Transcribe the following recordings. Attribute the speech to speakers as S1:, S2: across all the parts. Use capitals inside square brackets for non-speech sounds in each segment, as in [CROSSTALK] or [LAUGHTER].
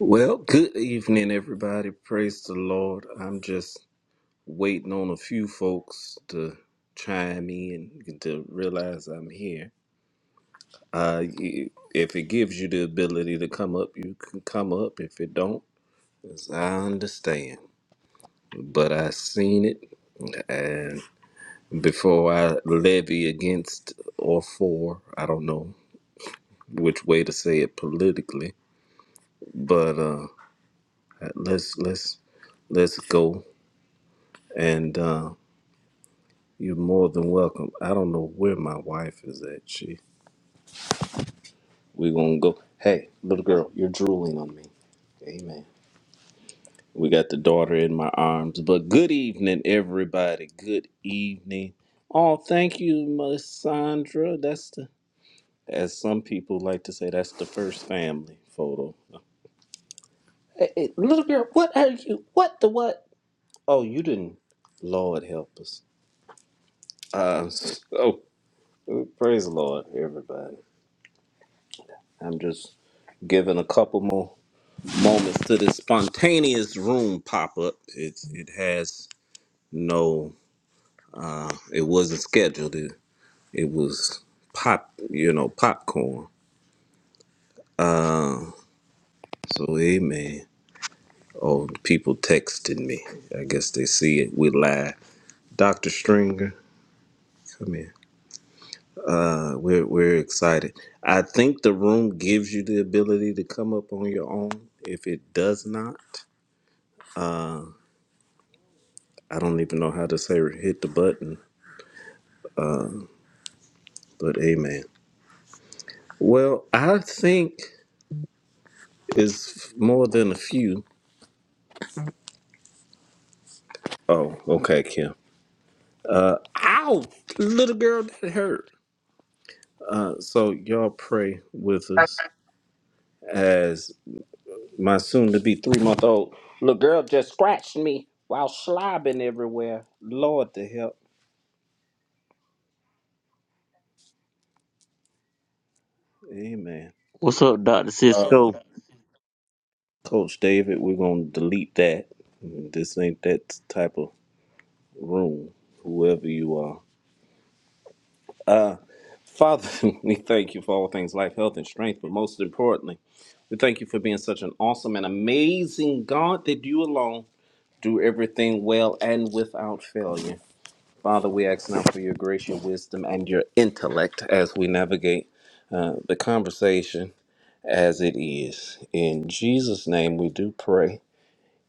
S1: Well, good evening, everybody. Praise the Lord. I'm just waiting on a few folks to chime in and to realize I'm here. Uh, y- if it gives you the ability to come up, you can come up. If it don't, as I understand. But I seen it, and before I levy against or for, I don't know which way to say it politically. But uh, let's let's let's go. And uh, You're more than welcome. I don't know where my wife is at. She. We gonna go. Hey, little girl, you're drooling on me. Amen. We got the daughter in my arms. But good evening, everybody. Good evening. Oh, thank you, Miss Sandra. That's the, as some people like to say, that's the first family photo. Hey, hey, little girl, what are you? What the what? Oh, you didn't. Lord help us. Uh, [LAUGHS] so, praise the Lord, everybody. I'm just giving a couple more. moments to this spontaneous room pop up. It it has no it wasn't scheduled. It it was pop you know, popcorn. So amen. Oh people texting me. I guess they see it. We live. Dr. Stringer, come in. Uh, we're we're excited. I think the room gives you the ability to come up on your own. If it does not, I don't even know how to say hit the button, but amen. Well, I think It's more than a few. Oh, okay, Kim. Ow, little girl, that hurt. Uh, so y'all pray with us as my soon-to-be three-month-old little girl just scratched me while slobbing everywhere. Lord, to help. Amen.
S2: What's up, Doctor
S1: Um,
S2: Cisco?
S1: Coach David, we're gonna delete that. This ain't that type of room. Whoever you are. Father, [LAUGHS] we thank you for all things life, health, and strength, but most importantly, we thank you for being such an awesome and amazing God that you alone do everything well and without failure. Father, we ask now for your grace, your wisdom, and your intellect as we navigate uh, the conversation as it is. In Jesus' name, we do pray,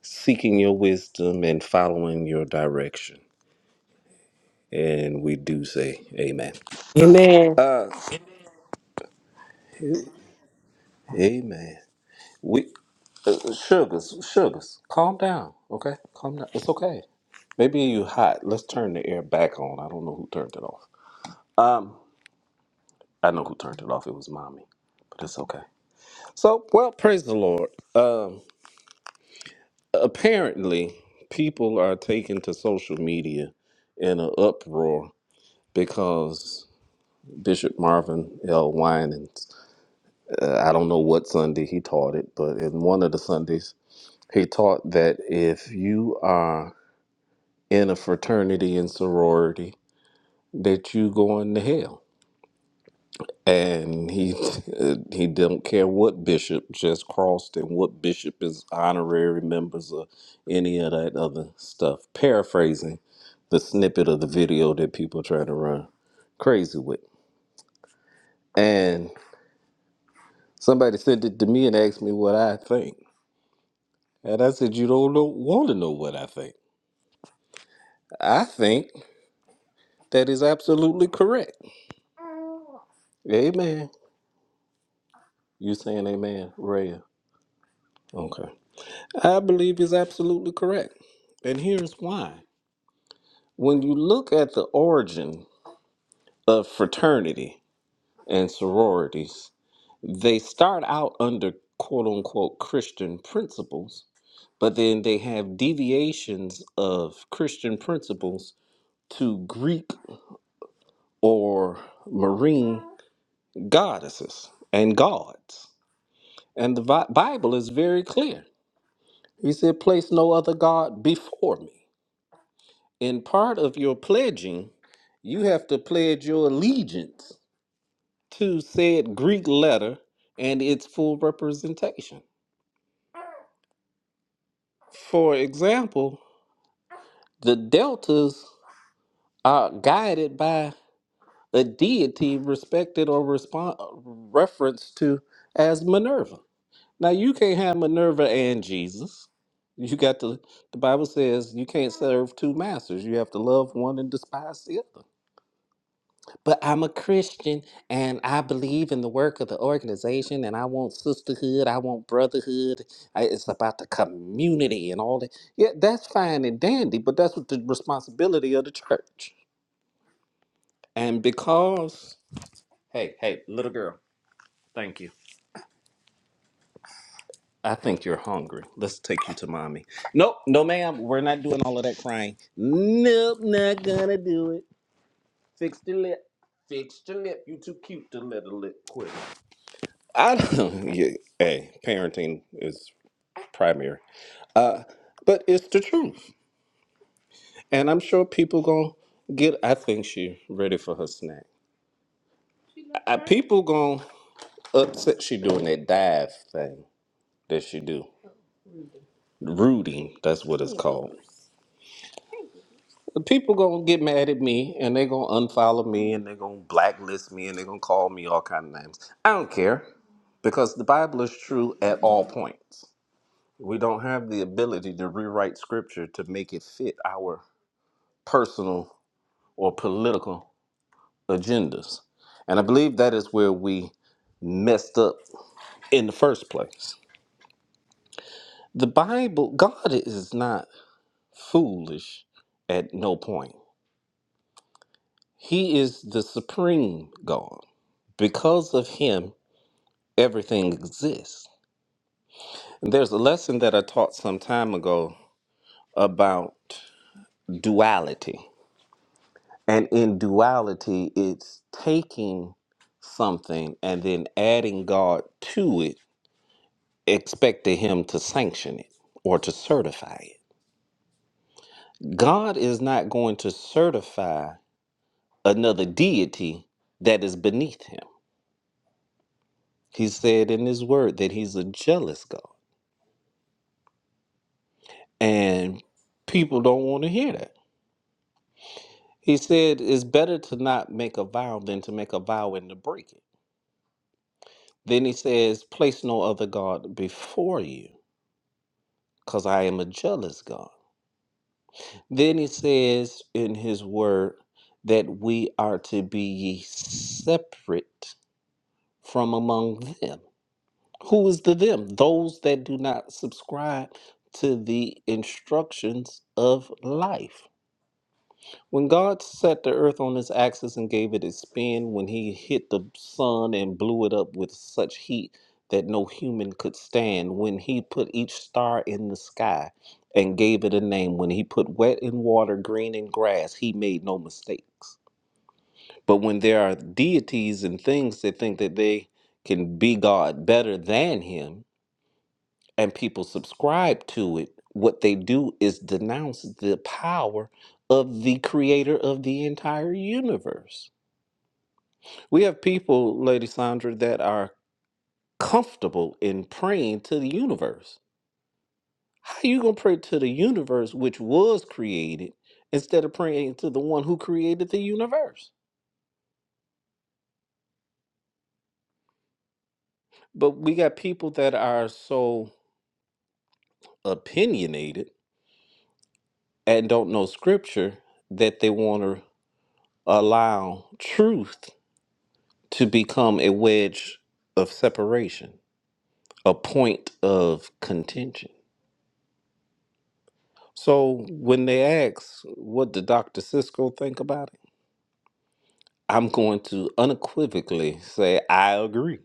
S1: seeking your wisdom and following your direction. And we do say, Amen.
S3: Amen.
S1: Uh, amen. We uh, uh, sugars, sugars, calm down. Okay, calm down. It's okay. Maybe you hot. Let's turn the air back on. I don't know who turned it off. Um, I know who turned it off. It was mommy, but it's okay. So, well, praise the Lord. Um, apparently, people are taken to social media in an uproar because Bishop Marvin L. Wine uh, I don't know what Sunday he taught it, but in one of the Sundays he taught that if you are in a fraternity and sorority that you going to hell. And he [LAUGHS] he don't care what bishop just crossed and what bishop is honorary members or any of that other stuff. Paraphrasing the snippet of the video that people try to run crazy with. And somebody sent it to me and asked me what I think. And I said, You don't know, want to know what I think. I think that is absolutely correct. Amen. You saying amen, Rhea? Okay. I believe is absolutely correct. And here's why. When you look at the origin of fraternity and sororities, they start out under quote unquote Christian principles, but then they have deviations of Christian principles to Greek or marine goddesses and gods. And the Bi- Bible is very clear. He said, Place no other God before me. in part of your pledging, you have to pledge your allegiance to said Greek letter and its full representation. For example, the deltas are guided by a deity respected or respon referenced to as Minerva. Now, you can't have Minerva and Jesus. You got to, the Bible says you can't serve two masters. You have to love one and despise the other. but I'm a Christian and I believe in the work of the organization and I want sisterhood, I want brotherhood. I, it's about the community and all that. Yeah, that's fine and dandy, but that's what the responsibility of the church. And because, hey, hey, little girl, thank you. I think you're hungry. Let's take you to mommy. Nope, no, ma'am. We're not doing all of that crying. Nope, not gonna do it. Fix your lip. Fix your lip. You too cute to let a lip quit. I don't. [LAUGHS] Yeah, hey, parenting is primary, uh, but it's the truth, and I'm sure people gonna get. I think she ready for her snack. Uh, people gonna upset she doing that dive thing that she do. Rooting, that's what it's called. People gonna get mad at me, and they gonna unfollow me, and they gonna blacklist me, and they gonna call me all kind of names. I don't care because the Bible is true at all points. We don't have the ability to rewrite scripture to make it fit our personal or political agendas. And I believe that is where we messed up in the first place. The Bible, God is not foolish at no point. He is the supreme God. Because of him, everything exists. And there's a lesson that I taught some time ago about duality. And in duality, it's taking something and then adding God to it expected him to sanction it or to certify it. God is not going to certify another deity that is beneath him. He said in his word that he's a jealous God, and people don't want to hear that. He said it's better to not make a vow than to make a vow and to break it. Then he says, Place no other God before you, because I am a jealous God. Then he says in his word that we are to be ye separate from among them. Who is the them? Those that do not subscribe to the instructions of life. When God set the earth on its axis and gave it its spin, when he hit the sun and blew it up with such heat that no human could stand, when he put each star in the sky and gave it a name, when he put wet in water, green in grass, he made no mistakes. But when there are deities and things that think that they can be God better than him, and people subscribe to it, what they do is denounce the power of the creator of the entire universe. We have people, Lady Sandra, that are comfortable in praying to the universe. How you going to pray to the universe which was created instead of praying to the one who created the universe? But we got people that are so opinionated and don't know scripture that they want to allow truth to become a wedge of separation, a point of contention. So when they ask, what did Dr. Cisco think about it? I'm going to unequivocally say, I agree.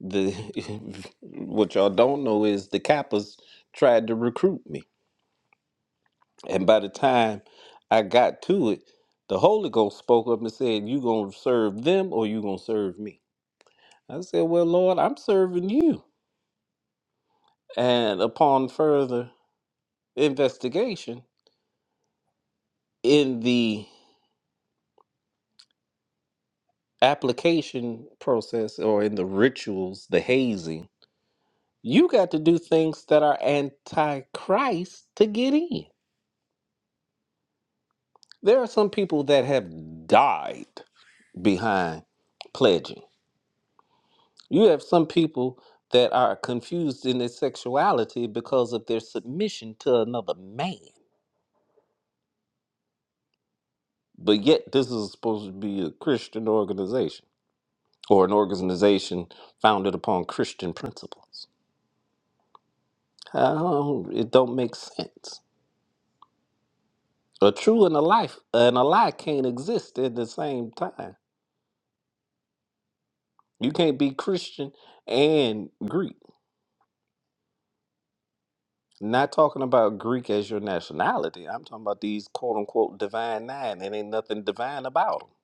S1: The, [LAUGHS] what y'all don't know is the Kappas tried to recruit me. And by the time I got to it, the Holy Ghost spoke up and said, You gonna serve them or you gonna serve me? I said, Well, Lord, I'm serving you. And upon further investigation in the application process or in the rituals, the hazing, you got to do things that are anti-Christ to get in. There are some people that have died behind pledging. You have some people that are confused in their sexuality because of their submission to another man. But yet, this is supposed to be a Christian organization or an organization founded upon Christian principles. I don't- it don't make sense. A true and a life and a lie can't exist at the same time. You can't be Christian and Greek. Not talking about Greek as your nationality. I'm talking about these quote unquote divine nine. and ain't nothing divine about them.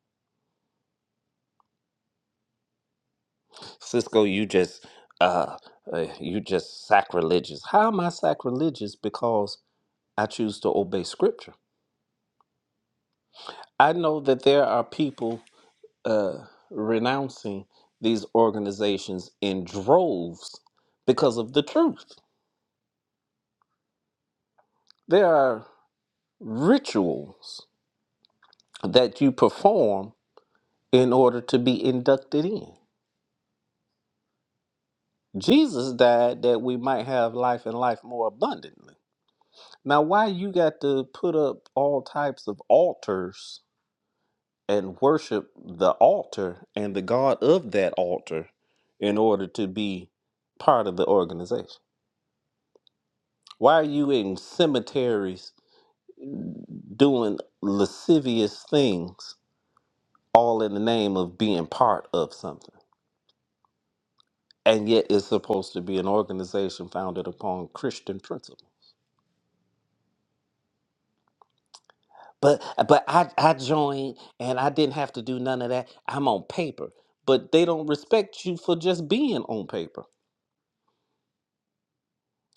S1: Cisco, you just uh, uh you just sacrilegious. How am I sacrilegious? Because I choose to obey scripture. I know that there are people uh, renouncing these organizations in droves because of the truth. There are rituals that you perform in order to be inducted in. Jesus died that we might have life and life more abundantly. Now, why you got to put up all types of altars and worship the altar and the God of that altar in order to be part of the organization? Why are you in cemeteries doing lascivious things all in the name of being part of something and yet it's supposed to be an organization founded upon christian principle but but i i joined and i didn't have to do none of that i'm on paper but they don't respect you for just being on paper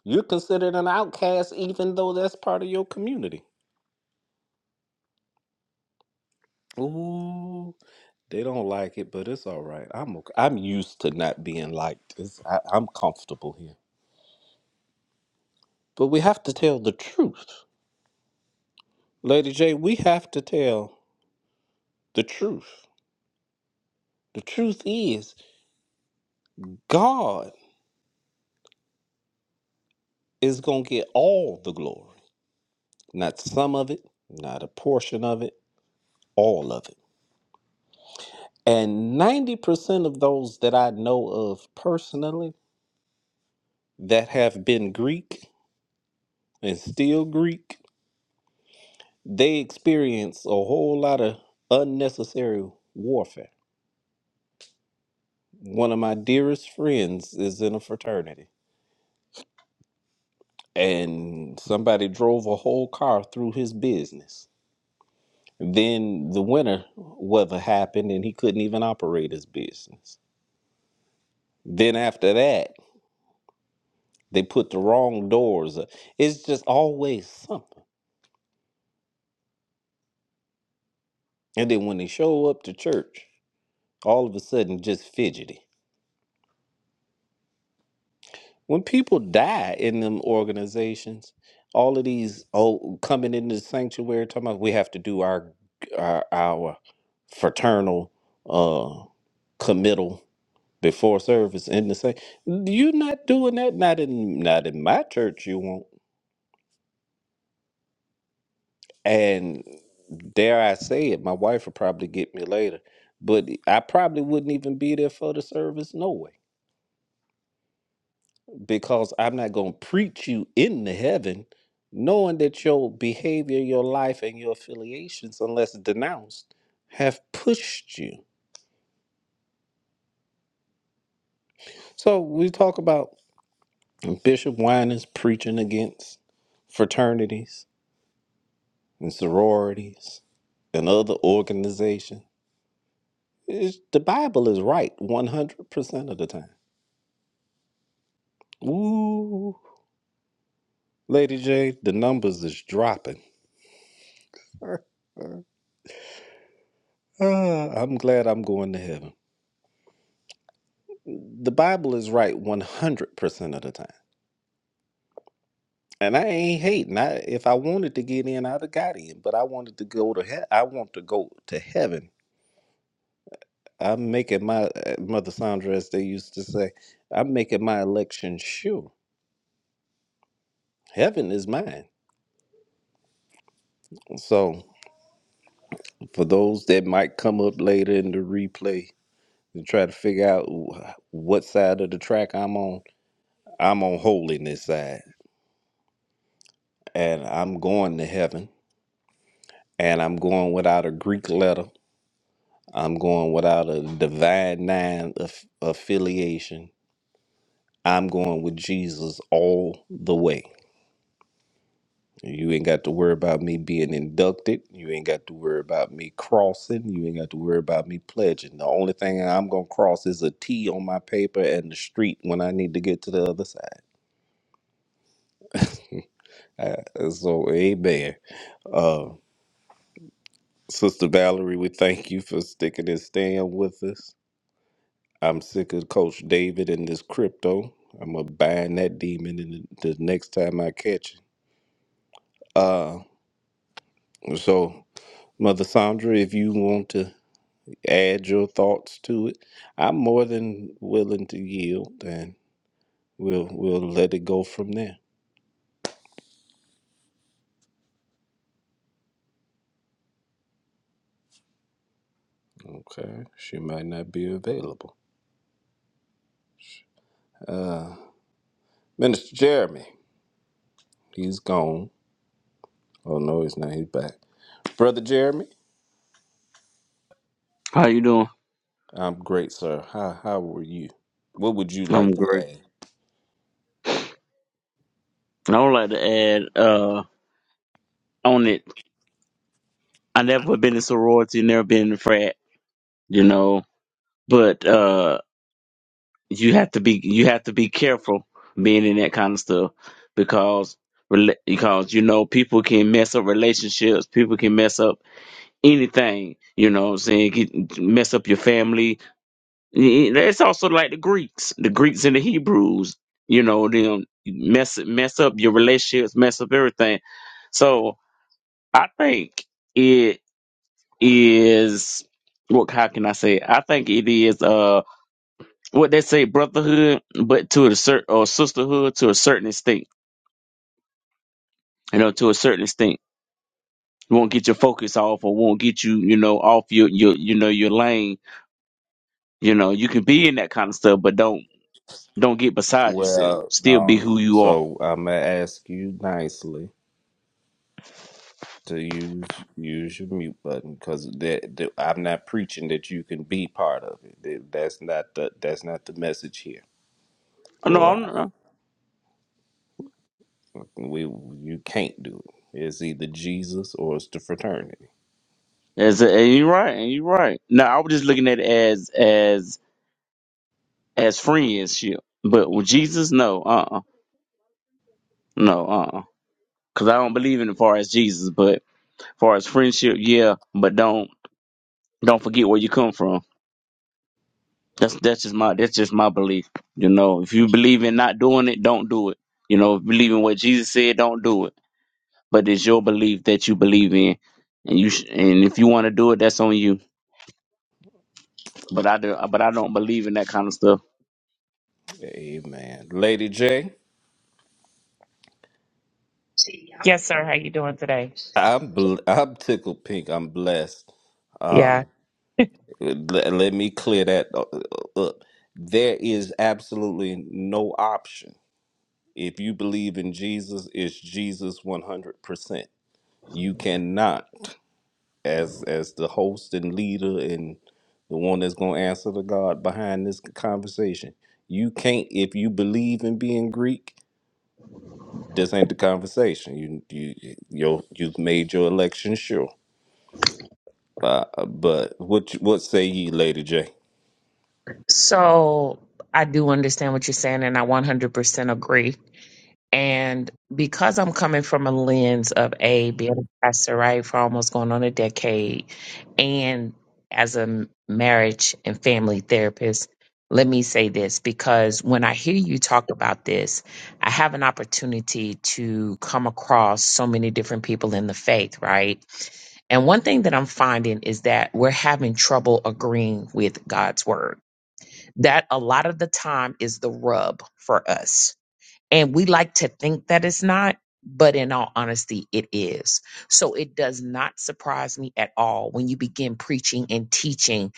S1: you're considered an outcast even though that's part of your community ooh they don't like it but it's all right i'm okay. i'm used to not being liked it's, I, i'm comfortable here But we have to tell the truth. Lady J, we have to tell the truth. The truth is, God is going to get all the glory, not some of it, not a portion of it, all of it. And 90% of those that I know of personally that have been Greek and still Greek, they experience a whole lot of unnecessary warfare. One of my dearest friends is in a fraternity and somebody drove a whole car through his business. Then the winter weather happened and he couldn't even operate his business. Then after that, they put the wrong doors up. It's just always something. And then when they show up to church, all of a sudden just fidgety. When people die in them organizations, all of these oh coming into the sanctuary talking about we have to do our our, our fraternal uh committal before service in the same, you're not doing that not in not in my church you won't and dare i say it my wife will probably get me later but i probably wouldn't even be there for the service no way because i'm not going to preach you into heaven knowing that your behavior your life and your affiliations unless denounced have pushed you so we talk about bishop winans preaching against fraternities and sororities and other organizations. It's, the Bible is right 100% of the time. Ooh, Lady J, the numbers is dropping. [LAUGHS] Ah, I'm glad I'm going to heaven. The Bible is right 100% of the time. And I ain't hating. I, if I wanted to get in, I'd have got in. But I wanted to go to hell. I want to go to heaven. I'm making my, uh, Mother Sandra, as they used to say, I'm making my election sure. Heaven is mine. So for those that might come up later in the replay and try to figure out wh- what side of the track I'm on, I'm on holiness side. And I'm going to heaven. And I'm going without a Greek letter. I'm going without a divine nine aff- affiliation. I'm going with Jesus all the way. You ain't got to worry about me being inducted. You ain't got to worry about me crossing. You ain't got to worry about me pledging. The only thing I'm going to cross is a T on my paper and the street when I need to get to the other side. Uh, so, amen. Uh, Sister Valerie, we thank you for sticking and staying with us. I'm sick of Coach David and this crypto. I'm going to bind that demon in the, the next time I catch it. Uh, so, Mother Sandra, if you want to. add your thoughts to it. I'm more than willing to yield, and we'll we'll let it go from there. Okay, she might not be available. Uh, Minister Jeremy, he's gone. Oh no, he's not. He's back. Brother Jeremy,
S2: How you doing?
S1: I'm great, sir. How how were you? What would you
S2: I'm
S1: like to
S2: great.
S1: add?
S2: And I would like to add uh on it. I never been in sorority, never been in frat, you know. But uh you have to be you have to be careful being in that kind of stuff because rela- because you know people can mess up relationships, people can mess up anything. You know, what I'm saying Get, mess up your family, Yeah, That's also like the Greeks, the Greeks and the Hebrews. You know, them mess mess up your relationships, mess up everything. So I think it is what? How can I say? it? I think it is uh what they say brotherhood, but to a certain or sisterhood to a certain extent. You know, to a certain extent, won't get your focus off or won't get you you know off your your you know your lane. You know, you can be in that kind of stuff, but don't don't get beside yourself.
S1: Well,
S2: Still be
S1: no.
S2: who you are.
S1: So I'm gonna ask you nicely. to use use your mute button because I'm not preaching that you can be part of it. That- That's not the that's not the message here.
S2: No,
S1: Well,
S2: I'm not.
S1: I, we you can't do it. It's either Jesus or it's the fraternity.
S2: That's and you're right. And you're right. No, I was just looking at it as as as friendship. But with Jesus, no, uh, uh no, uh, uh because I don't believe in it far as Jesus. But far as friendship, yeah. But don't don't forget where you come from. That's that's just my that's just my belief. You know, if you believe in not doing it, don't do it. You know, if you believe in what Jesus said, don't do it. But it's your belief that you believe in, and you sh- and if you want to do it, that's on you. But I do, but I don't believe in that kind of stuff.
S1: Amen. Lady J,
S4: Yes, sir.
S1: I'm bl- I'm tickled pink. I'm blessed.
S4: Yeah.
S1: Um, let, let me clear that uh, uh, up. There is absolutely no option. If you believe in Jesus, it's Jesus 100%. You cannot as as the host and leader and the one that's going to answer the god behind this conversation you can't if you believe in being greek this ain't the conversation you you you you've made your election sure uh, uh, but what you- what say ye lady j
S4: So I do understand what you're saying, and I 100% agree. And because I'm coming from a lens of A, being a pastor, right, for almost going on a decade, and as a m- marriage and family therapist, let me say this because when I hear you talk about this, I have an opportunity to come across so many different people in the faith, right? And one thing that I'm finding is that we're having trouble agreeing with God's word. That a lot of the time is the rub for us and we like to think that it's not, but in all honesty, it is. So it does not surprise me at all when you begin preaching and teaching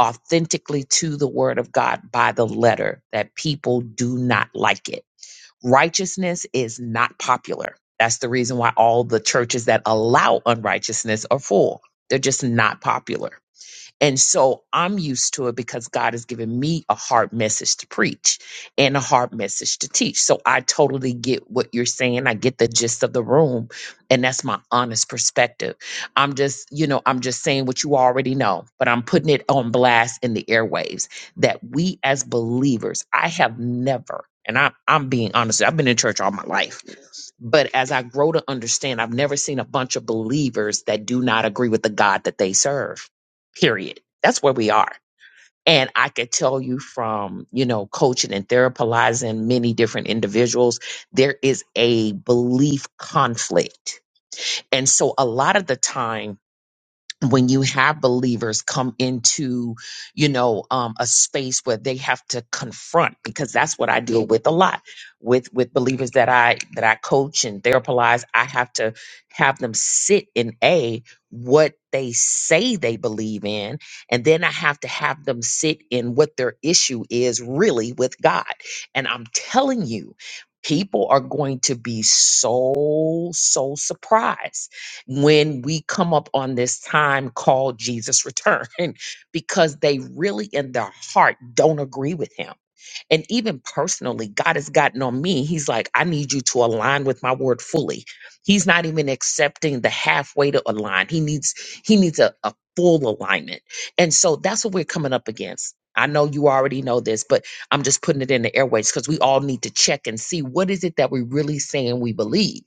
S4: authentically to the word of God by the letter that people do not like it. Righteousness is not popular. That's the reason why all the churches that allow unrighteousness are full. They're just not popular and so I'm used to it because God has given me a hard message to preach and a hard message to teach. So I totally get what you're saying. I get the gist of the room. And that's my honest perspective. I'm just, you know, I'm just saying what you already know, but I'm putting it on blast in the airwaves that we as believers, I have never, and I, I'm being honest, I've been in church all my life. But as I grow to understand, I've never seen a bunch of believers that do not agree with the God that they serve. Period. That's where we are. And I could tell you from, you know, coaching and therapizing many different individuals, there is a belief conflict. And so a lot of the time, when you have believers come into you know um a space where they have to confront because that's what I deal with a lot with with believers that I that I coach and therapize I have to have them sit in a what they say they believe in and then I have to have them sit in what their issue is really with God and I'm telling you people are going to be so so surprised when we come up on this time called Jesus return [LAUGHS] because they really in their heart don't agree with him. And even personally, God has gotten on me. He's like, I need you to align with my word fully. He's not even accepting the halfway to align. He needs he needs a, a full alignment. And so that's what we're coming up against. I know you already know this, but I'm just putting it in the airways because we all need to check and see what is it that we're really saying we believe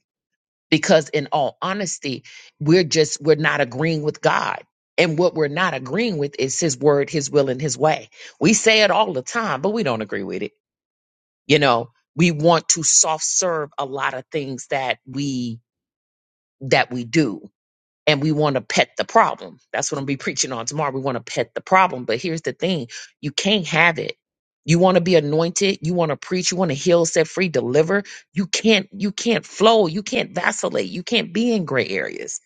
S4: because in all honesty we're just we're not agreeing with god and what we're not agreeing with is his word his will and his way we say it all the time but we don't agree with it you know we want to soft serve a lot of things that we that we do and we want to pet the problem. That's what I'm gonna be preaching on tomorrow. We want to pet the problem, but here's the thing: you can't have it. You want to be anointed, you want to preach, you want to heal, set free, deliver. You can't, you can't flow, you can't vacillate, you can't be in gray areas.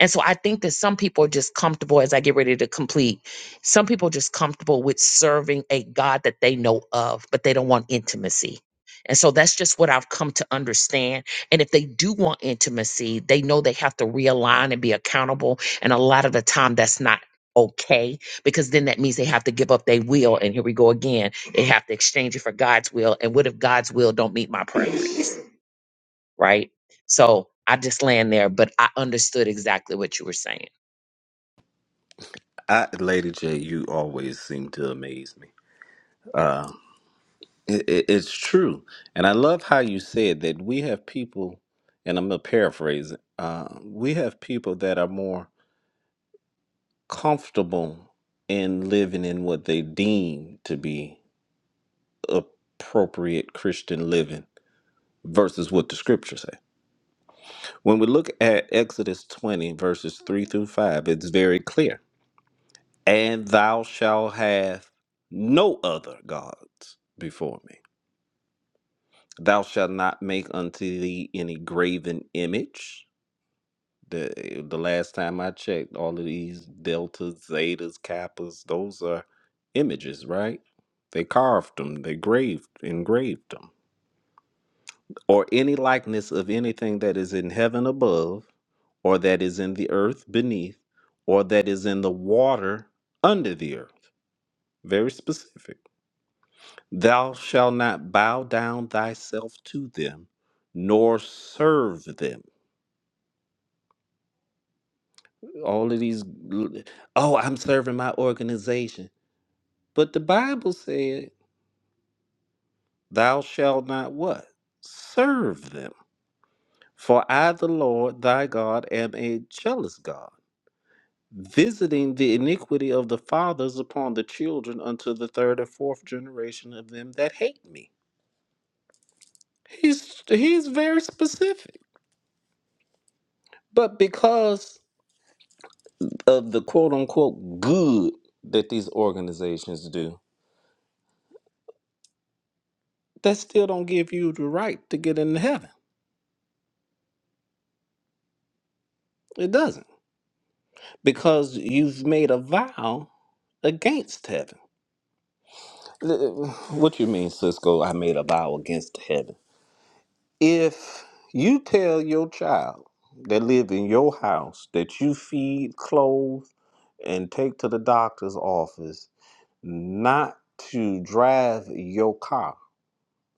S4: And so I think that some people are just comfortable as I get ready to complete. Some people are just comfortable with serving a God that they know of, but they don't want intimacy. And so that's just what I've come to understand and if they do want intimacy, they know they have to realign and be accountable. And a lot of the time, that's not okay because then that means they have to give up their will. And here we go again. They have to exchange it for God's will. And what if God's will don't meet my preference? Right. So I just land there, but I understood exactly what you were saying.
S1: I, lady j you always seem to amaze me um it, it, it's true and i love how you said that we have people and i'm gonna paraphrase it uh, we have people that are more comfortable in living in what they deem to be appropriate Christian living versus what the scriptures say. When we look at Exodus 20, verses 3 through 5, it's very clear. And thou shalt have no other gods before me. Thou shalt not make unto thee any graven image The eh, the last time I checked, all of these deltas, zetas, kappas, those are images, right? They carved them, they graved, engraved them. Or any likeness of anything that is in heaven above, or that is in the earth beneath, or that is in the water under the earth. Very specific. Thou shalt not bow down thyself to them, nor serve them. All of these, oh, I'm serving my organization But the Bible said, Thou shalt not what? Serve them. For I, the Lord thy God, am a jealous God, visiting the iniquity of the fathers upon the children unto the third and fourth generation of them that hate me. He's he's very specific. But because of the quote unquote good that these organizations do, that still don't give you the right to get into heaven. It doesn't. because you've made a vow against heaven. Th- What you mean, Cisco? I made a vow against heaven. If you tell your child that live in your house that you feed, clothe, and take to the doctor's office not to drive your car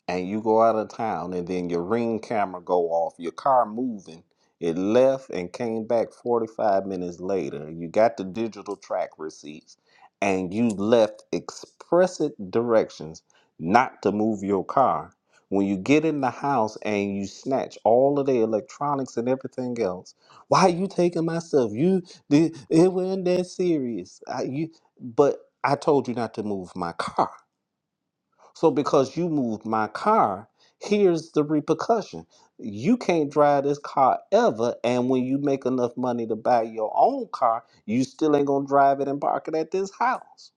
S1: and you go out of town and then your ring camera go off, your car moving, it left and came back 45 minutes later. You got the digital track receipts and you left explicit directions not to move your car. When you get in the house and you snatch all of the electronics and everything else, why are you taking my stuff? You did it wasn't that serious. I, you, but I told you not to move my car. So because you moved my car, here's the repercussion. You can't drive this car ever, and when you make enough money to buy your own car, you still ain't gonna drive it and park it at this house.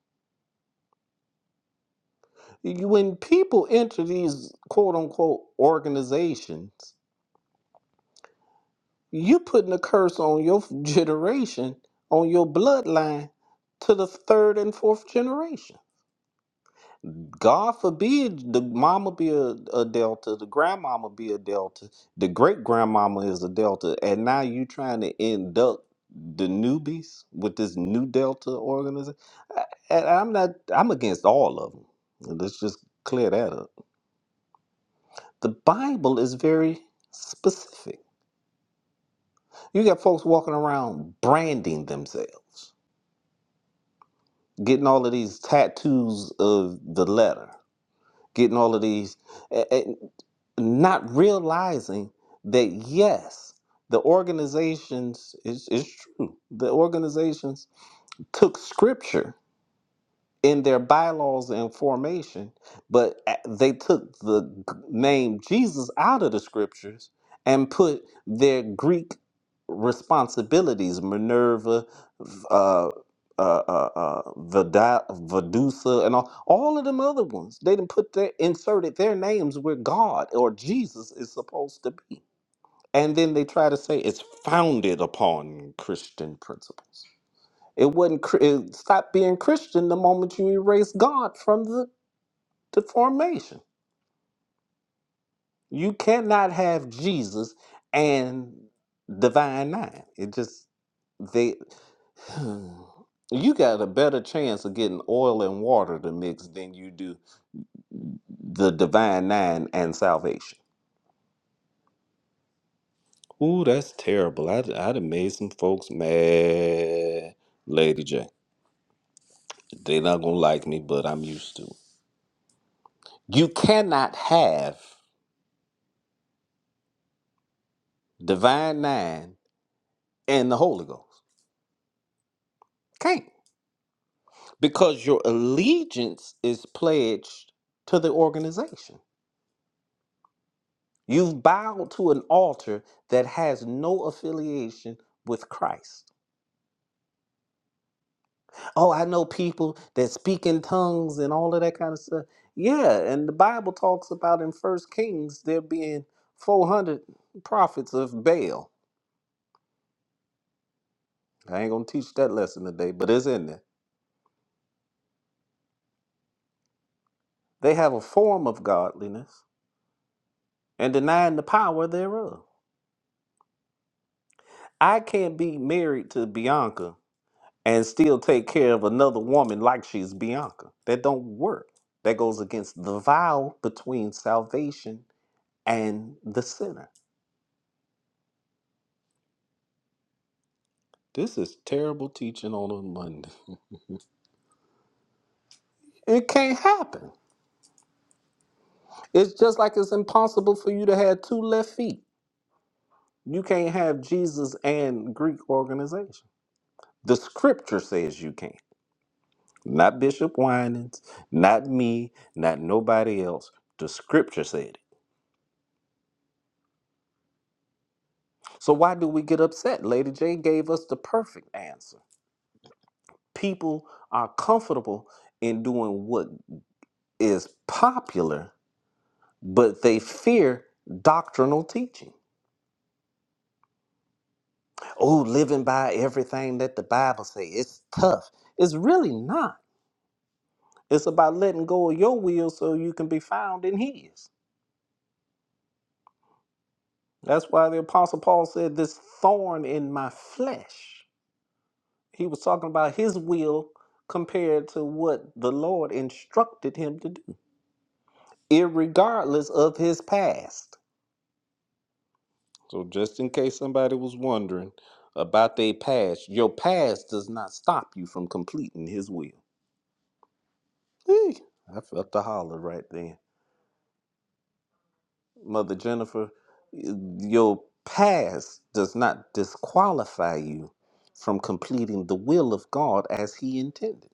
S1: You- When people enter these quote unquote organizations, you putting a curse on your generation, on your bloodline to the third and fourth generation. God forbid the mama be a, a delta, the grandmama be a delta, the great grandmama is a delta, and now you trying to induct the newbies with this new delta organization. And I'm not, I'm against all of them. Let's just clear that up. The Bible is very specific. You got folks walking around branding themselves, getting all of these tattoos of the letter. getting all of these, a- and not realizing that yes, the organizations is it's it's true. The organizations took scripture in their bylaws and formation, but a- they took the g- name Jesus out of the scriptures and put their Greek responsibilities, Minerva, v- uh, uh, uh, uh, Vida, Vidusa, and all, all of them other ones. They didn't put their inserted their names where God or Jesus is supposed to be. And then they try to say it's founded upon Christian principles. It wasn't. cr- It stopped being Christian the moment you erase God from the, the formation. You cannot have Jesus and Divine Nine. It just they. [SIGHS] You got a better chance of getting oil and water to mix than you do the Divine Nine and salvation. Ooh, that's terrible. I'd, I'd have made some folks mad, Lady J. They're not gonna like me, but I'm used to it. You cannot have Divine Nine and the Holy Ghost. Can't. Because your allegiance is pledged to the organization. You've bowed to an altar that has no affiliation with Christ. Oh, I know people that speak in tongues and all of that kind of stuff. Yeah, and the Bible talks about in First Kings there being 400 prophets of Baal. I ain't going to teach that lesson today, but it's in there. They have a form of godliness and denying the power thereof. I can't be married to Bianca and still take care of another woman like she's Bianca. That don't work. That goes against the vow between salvation and the sinner. This is terrible teaching on a Monday. It can't happen. It's just like it's impossible for you to have two left feet. You can't have Jesus and Greek organization. The scripture says you can't. Not Bishop Winans, not me, not nobody else. The scripture said it. So why do we get upset? Lady J gave us the perfect answer. People are comfortable in doing what is popular, but they fear doctrinal teaching. Oh, living by everything that the Bible says it's tough. It's really not. It's about letting go of your will so you can be found in his. That's why the apostle Paul said this thorn in my flesh. He was talking about his will compared to what the Lord instructed him to do. irregardless of his past. So, just in case somebody was wondering about their past, your past does not stop you from completing His will. Eek, I felt the holler right there, Mother Jennifer. eh, Your past does not disqualify you from completing the will of God as He intended.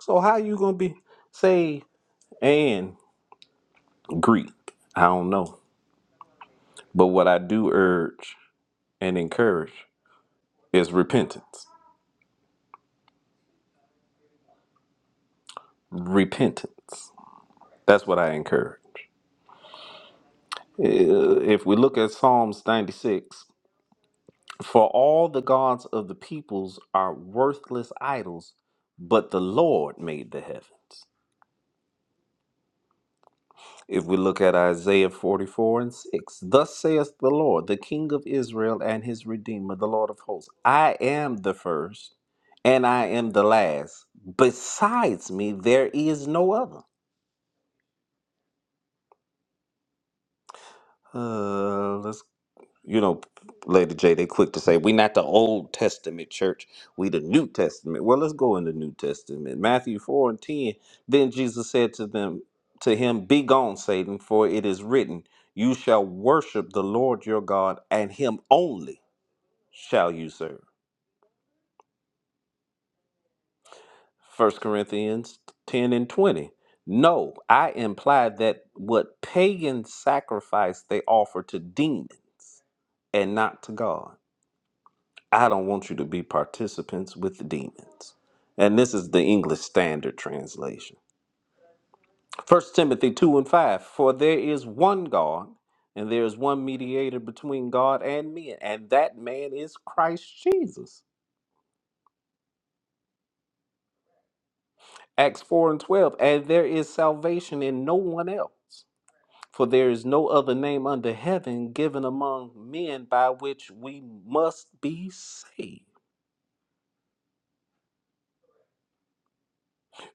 S1: So, how you gonna be say and Greek? I don't know, but what I do urge and encourage is repentance repentance. That's what I encourage. Uh, If we look at Psalms 96, for all the gods of the peoples are worthless idols, but the Lord made the heavens. If we look at Isaiah 44 and 6, thus saith the Lord, the King of Israel and his Redeemer, the Lord of hosts I am the first and I am the last. Besides me, there is no other. Uh, Let's. you know, Lady J, they quick to say we not the Old Testament church, we the New Testament. Well, let's go in the New Testament. Matthew four and ten. Then Jesus said to them, to him, Be gone, Satan, for it is written, You shall worship the Lord your God, and him only shall you serve. First Corinthians ten and twenty. No, I implied that what pagan sacrifice they offer to demons and not to God. I don't want you to be participants with the demons. And this is the English Standard Translation. First Timothy 2 and 5 For there is one God, and there is one mediator between God and men, and that man is Christ Jesus. Acts 4 and 12 And there is salvation in no one else, for there is no other name under heaven given among men by which we must be saved.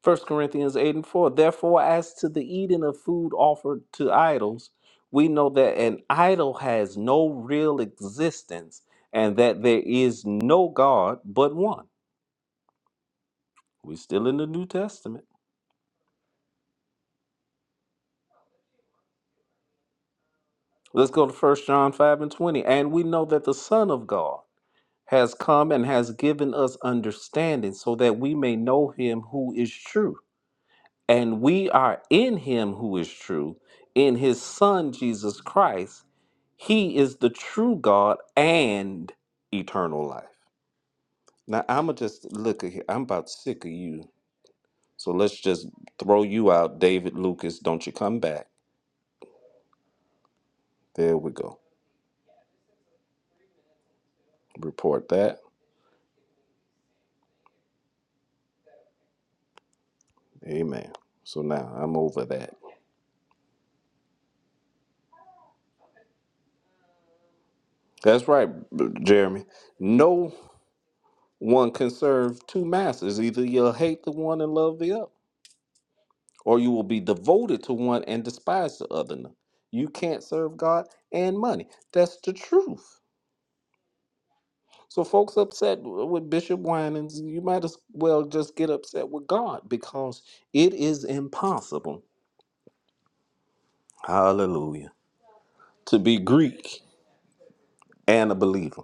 S1: First Corinthians 8 and 4. Therefore, as to the eating of food offered to idols, we know that an idol has no real existence and that there is no God but one. We're still in the New Testament. Let's go to First John 5 and 20. And we know that the Son of God has come and has given us understanding so that we may know him who is true And we are in him who is true, in his son Jesus Christ. He is the true God and eternal life. Now I'ma just look at here. I'm about sick of you. So let's just throw you out, David Lucas. Don't you come back. There we go. Report that. Amen. So now I'm over that. That's right, B- Jeremy. No one can serve two masters. Either you'll hate the one and love the other. or you will be devoted to one and despise the other. No, You can't serve God and money. That's the truth. So, folks upset with Bishop Winans, you might as well just get upset with God because it is impossible, hallelujah, to be Greek and a believer.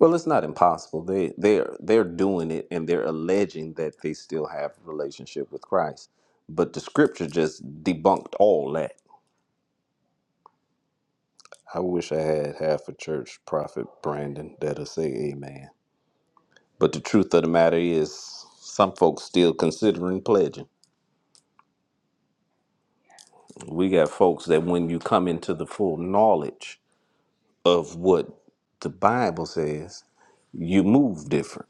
S1: Well, it's not impossible. They they're they're doing it and they're alleging that they still have a relationship with Christ. But the scripture just debunked all that. I wish I had half a church prophet Brandon that'll say amen. But the truth of the matter is, some folks still considering pledging. We got folks that when you come into the full knowledge of what the Bible says, you move different.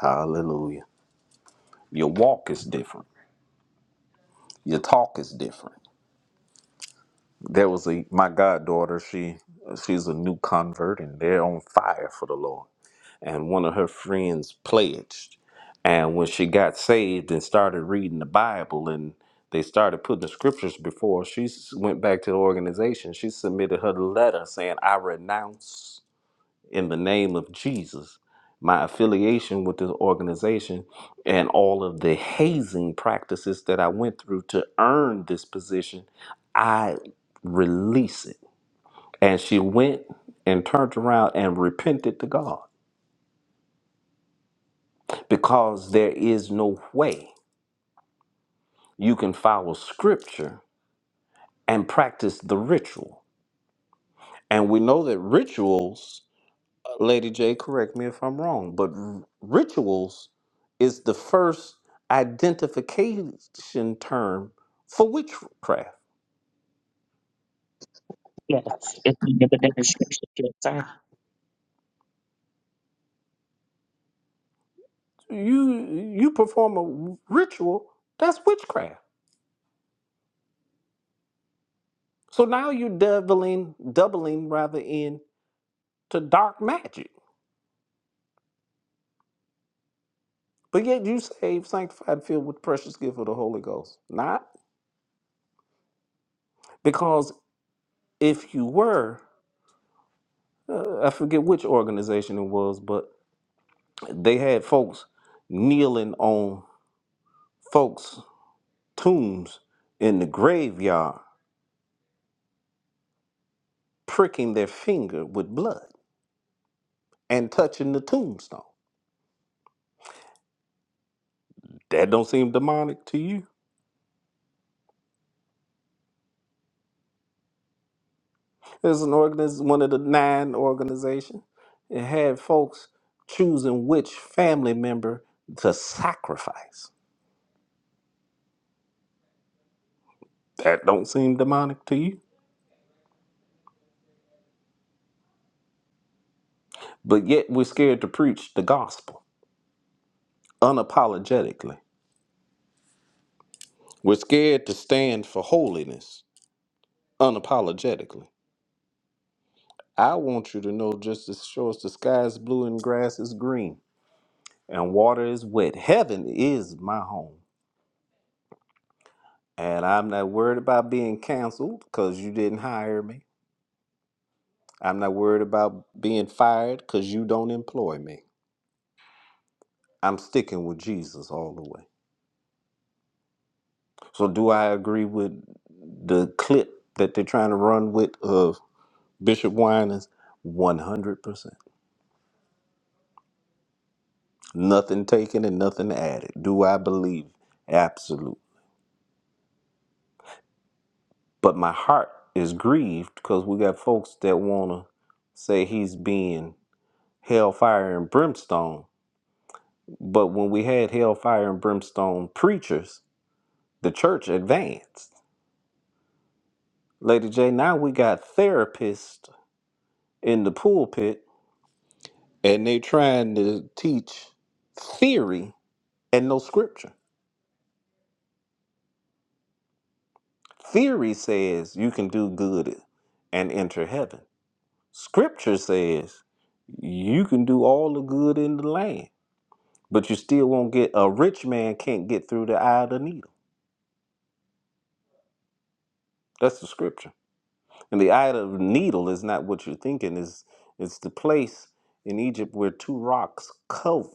S1: Hallelujah. Your walk is different. Your talk is different. There was a my goddaughter, she she's a new convert and they're on fire for the Lord. and one of her friends pledged. And when she got saved and started reading the Bible and they started putting the scriptures before, she s- went back to the organization. She submitted her letter saying, I renounce in the name of Jesus my affiliation with this organization and all of the hazing practices that I went through to earn this position. I release it. And she went and turned around and repented to God because there is no way you can follow scripture and practice the ritual. And we know that rituals, uh, Lady J, correct me if I'm wrong, but r- rituals is the first identification term for witchcraft.
S4: Yes, it's the description. Yes, sir.
S1: You you perform a ritual, that's witchcraft. So now you're doubling, doubling rather in to dark magic. But yet you saved, sanctified, filled with the precious gift of the Holy Ghost. Not Because if you were, uh, I forget which organization it was, but they had folks kneeling on folks' tombs in the graveyard, pricking their finger with blood and touching the tombstone. That don't seem demonic to you. There's an organiz- one of the nine organizations. It had folks choosing which family member to sacrifice. That don't seem demonic to you. But yet we're scared to preach the gospel unapologetically. We're scared to stand for holiness unapologetically. I want you to know just as sure as the sky is blue and grass is green and water is wet, heaven is my home. And I'm not worried about being canceled because you didn't hire me. I'm not worried about being fired because you don't employ me. I'm sticking with Jesus all the way. So, do I agree with the clip that they're trying to run with of Bishop Winans? 100%. Nothing taken and nothing added. Do I believe? Absolute. But my heart is grieved because we got folks that want to say he's being hellfire and brimstone. But when we had hellfire and brimstone preachers, the church advanced. Lady J, now we got therapists in the pulpit and they trying to teach theory and no scripture. Theory says you can do good and enter heaven Scripture says you can do all the good in the land, but you still won't get a rich man can't get through the eye of the needle. That's the scripture. And the eye of the needle is not what you're thinking, is it's the place in Egypt where two rocks cover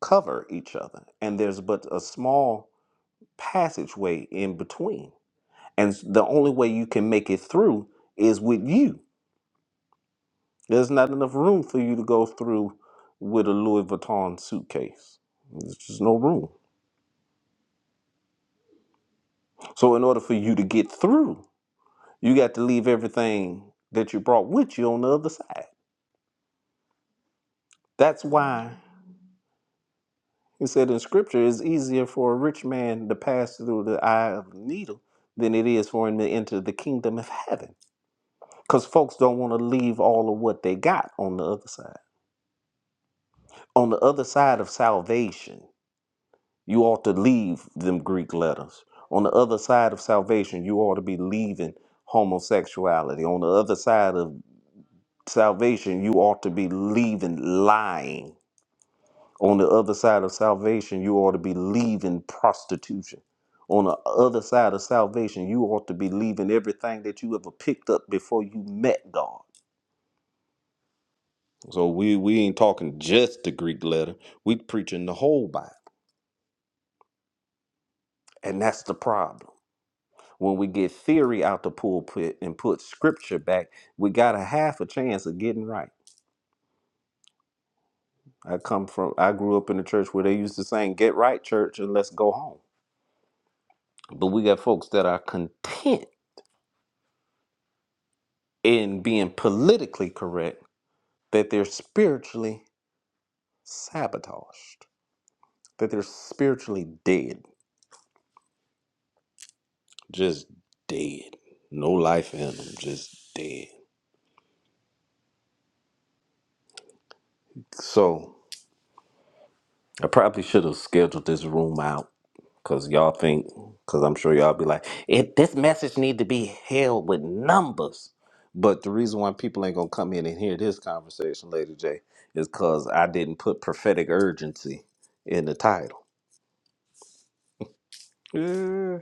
S1: cover each other, and there's but a small passageway in between. And the only way you can make it through is with you. There's not enough room for you to go through with a Louis Vuitton suitcase. There's just no room. So, in order for you to get through, you got to leave everything that you brought with you on the other side. That's why he said in scripture, it's easier for a rich man to pass through the eye of the needle than it is for him to enter the kingdom of heaven. Because folks don't want to leave all of what they got on the other side. On the other side of salvation You ought to leave them Greek letters. On the other side of salvation, you ought to be leaving homosexuality. On the other side of salvation, you ought to be leaving lying. On the other side of salvation, you ought to be leaving prostitution. On the other side of salvation, you ought to be leaving everything that you ever picked up before you met God. So we we ain't talking just the Greek letter. We preaching the whole Bible. And that's the problem. When we get theory out the pulpit and put scripture back, we got a half a chance of getting right. I come from, I grew up in a church where they used to saying, get right, church, and let's go home. But we got folks that are content in being politically correct that they're spiritually sabotaged, that they're spiritually dead, just dead. No life in them, just dead. So I probably should have scheduled this room out Cause y'all think, cause I'm sure y'all be like, it, this message need to be held with numbers. But the reason why people ain't gonna come in and hear this conversation, Lady J, is cause I didn't put prophetic urgency in the title. Yeah.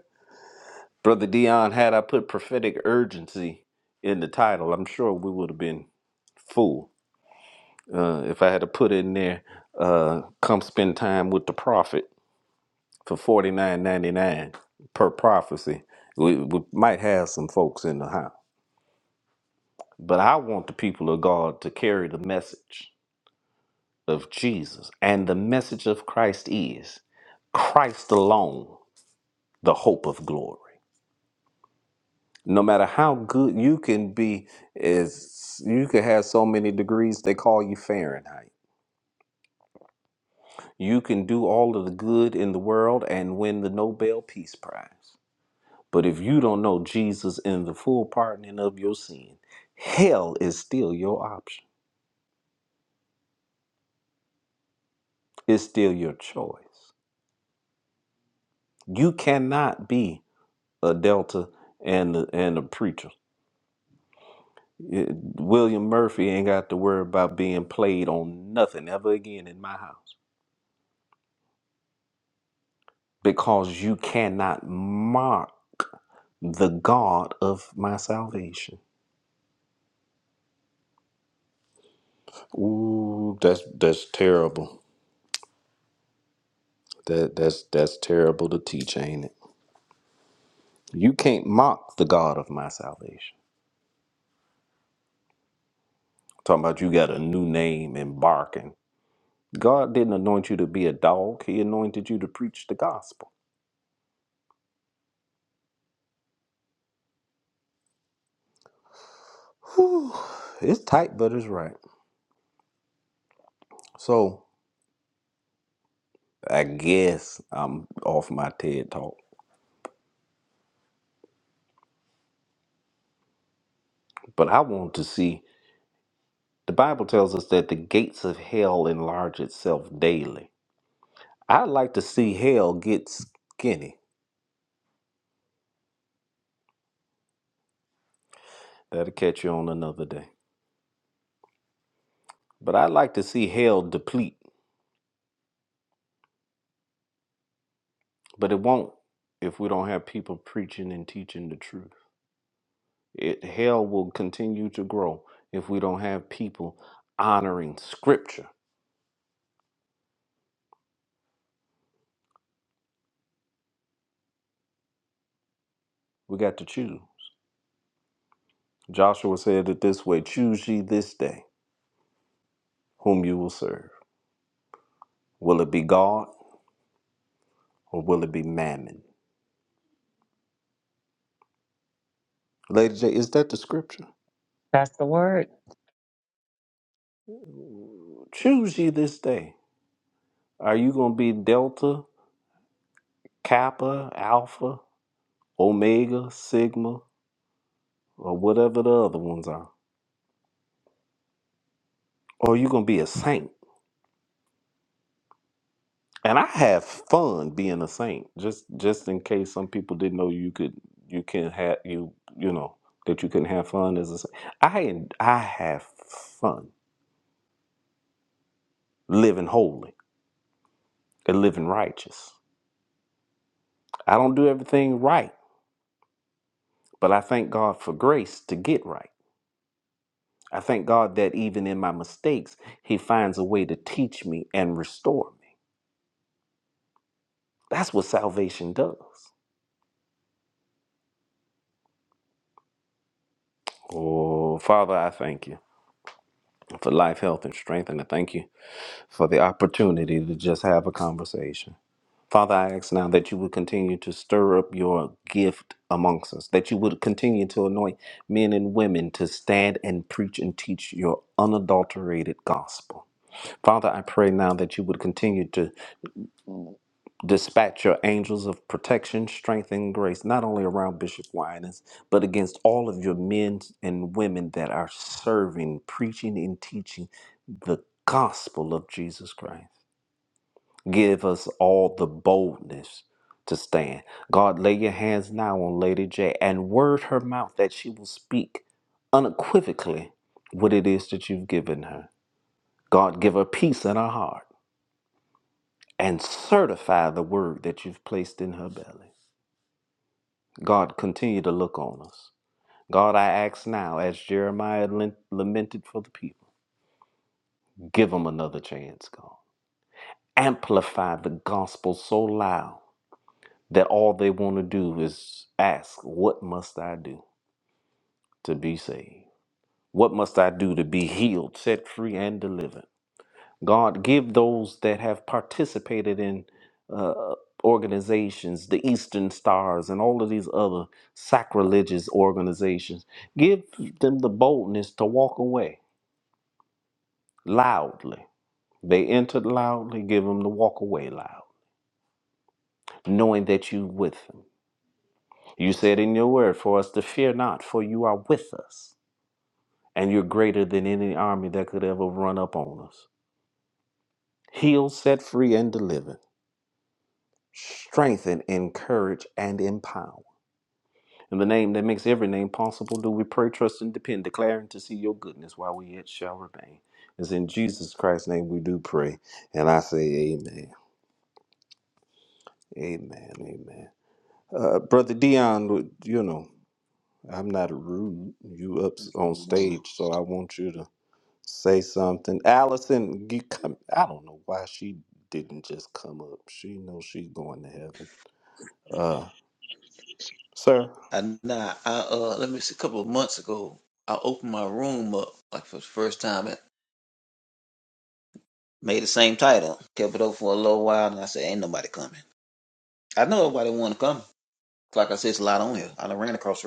S1: Brother Dion, had I put prophetic urgency in the title, I'm sure we would have been full. Uh, if I had to put in there, uh, come spend time with the prophet. for forty nine ninety nine per prophecy. We, we might have some folks in the house, but I want the people of God to carry the message of Jesus, and the message of Christ is Christ alone, the hope of glory. No matter how good you can be, is you can have so many degrees they call you Fahrenheit. You can do all of the good in the world and win the Nobel Peace Prize. But if you don't know Jesus and the full pardoning of your sin, hell is still your option. It's still your choice. You cannot be a Delta and a, and a preacher. It- William Murphy ain't got to worry about being played on nothing ever again in my house because you cannot mock the God of my salvation. Ooh, that's that's terrible. That that's that's terrible to teach, ain't it? You can't mock the God of my salvation. talking about you got a new name and barking. God didn't anoint you to be a dog, He anointed you to preach the gospel. Whew. It's tight, but it's right. So I guess I'm off my TED talk, but I want to see. The Bible tells us that the gates of hell enlarge itself daily. I'd like to see hell get skinny. That'll catch you on another day. But I'd like to see hell deplete But it won't if we don't have people preaching and teaching the truth. It hell will continue to grow if we don't have people honoring scripture. We got to choose. Joshua said it this way choose ye this day whom you will serve. Will it be God or will it be mammon? Lady J, is that the scripture?
S4: That's the word.
S1: Choose ye this day. Are you going to be Delta, Kappa, Alpha, Omega, Sigma, or whatever the other ones are? Or are you going to be a saint? and I have fun being a saint. Just just in case some people didn't know you could you can have you you know that you can have fun as a saint. I I have fun living holy and living righteous. I don't do everything right, but I thank God for grace to get right. I thank God that even in my mistakes, He finds a way to teach me and restore me. That's what salvation does. Oh, Father, I thank you for life, health, and strength, and I thank you for the opportunity to just have a conversation. Father, I ask now that you would continue to stir up your gift amongst us, that you would continue to anoint men and women to stand and preach and teach your unadulterated gospel. Father, I pray now that you would continue to dispatch your angels of protection, strength, and grace, not only around Bishop Winans, but against all of your men and women that are serving, preaching, and teaching the gospel of Jesus Christ. Give us all the boldness to stand. God, lay your hands now on Lady J and word her mouth that she will speak unequivocally what it is that you've given her. God, give her peace in her heart and certify the word that you've placed in her belly. God, continue to look on us. God, I ask now, as Jeremiah lent- lamented for the people, give them another chance, God. Amplify the gospel so loud that all they want to do is ask, What must I do to be saved? What must I do to be healed, set free, and delivered? God, give those that have participated in uh, organizations, the Eastern Stars, and all of these other sacrilegious organizations, give them the boldness to walk away loudly. They entered loudly, give them the walk away loud, knowing that you with them. You said in your word for us to fear not, for you are with us. and you're greater than any army that could ever run up on us. Heal, set free, and deliver. Strengthen, encourage, and empower. In the name that makes every name possible, do we pray, trust, and depend, declaring to see your goodness while we yet shall remain. It's in Jesus Christ's name we do pray, and I say amen. Amen, amen. Uh, Brother Dion, you know, I'm not rude. You up on
S5: Wow.
S1: stage, so I want you to Say something. Allison, you come I don't know why she didn't just come up. She knows she's going to heaven. Uh sir.
S5: And nah, I uh, let me see. A couple of months ago, I opened my room up like for the first time and made the same title. Kept it open for a little while, and I said, "Ain't nobody coming." I know nobody want to come. Like I said, it's a lot on here. I done ran across.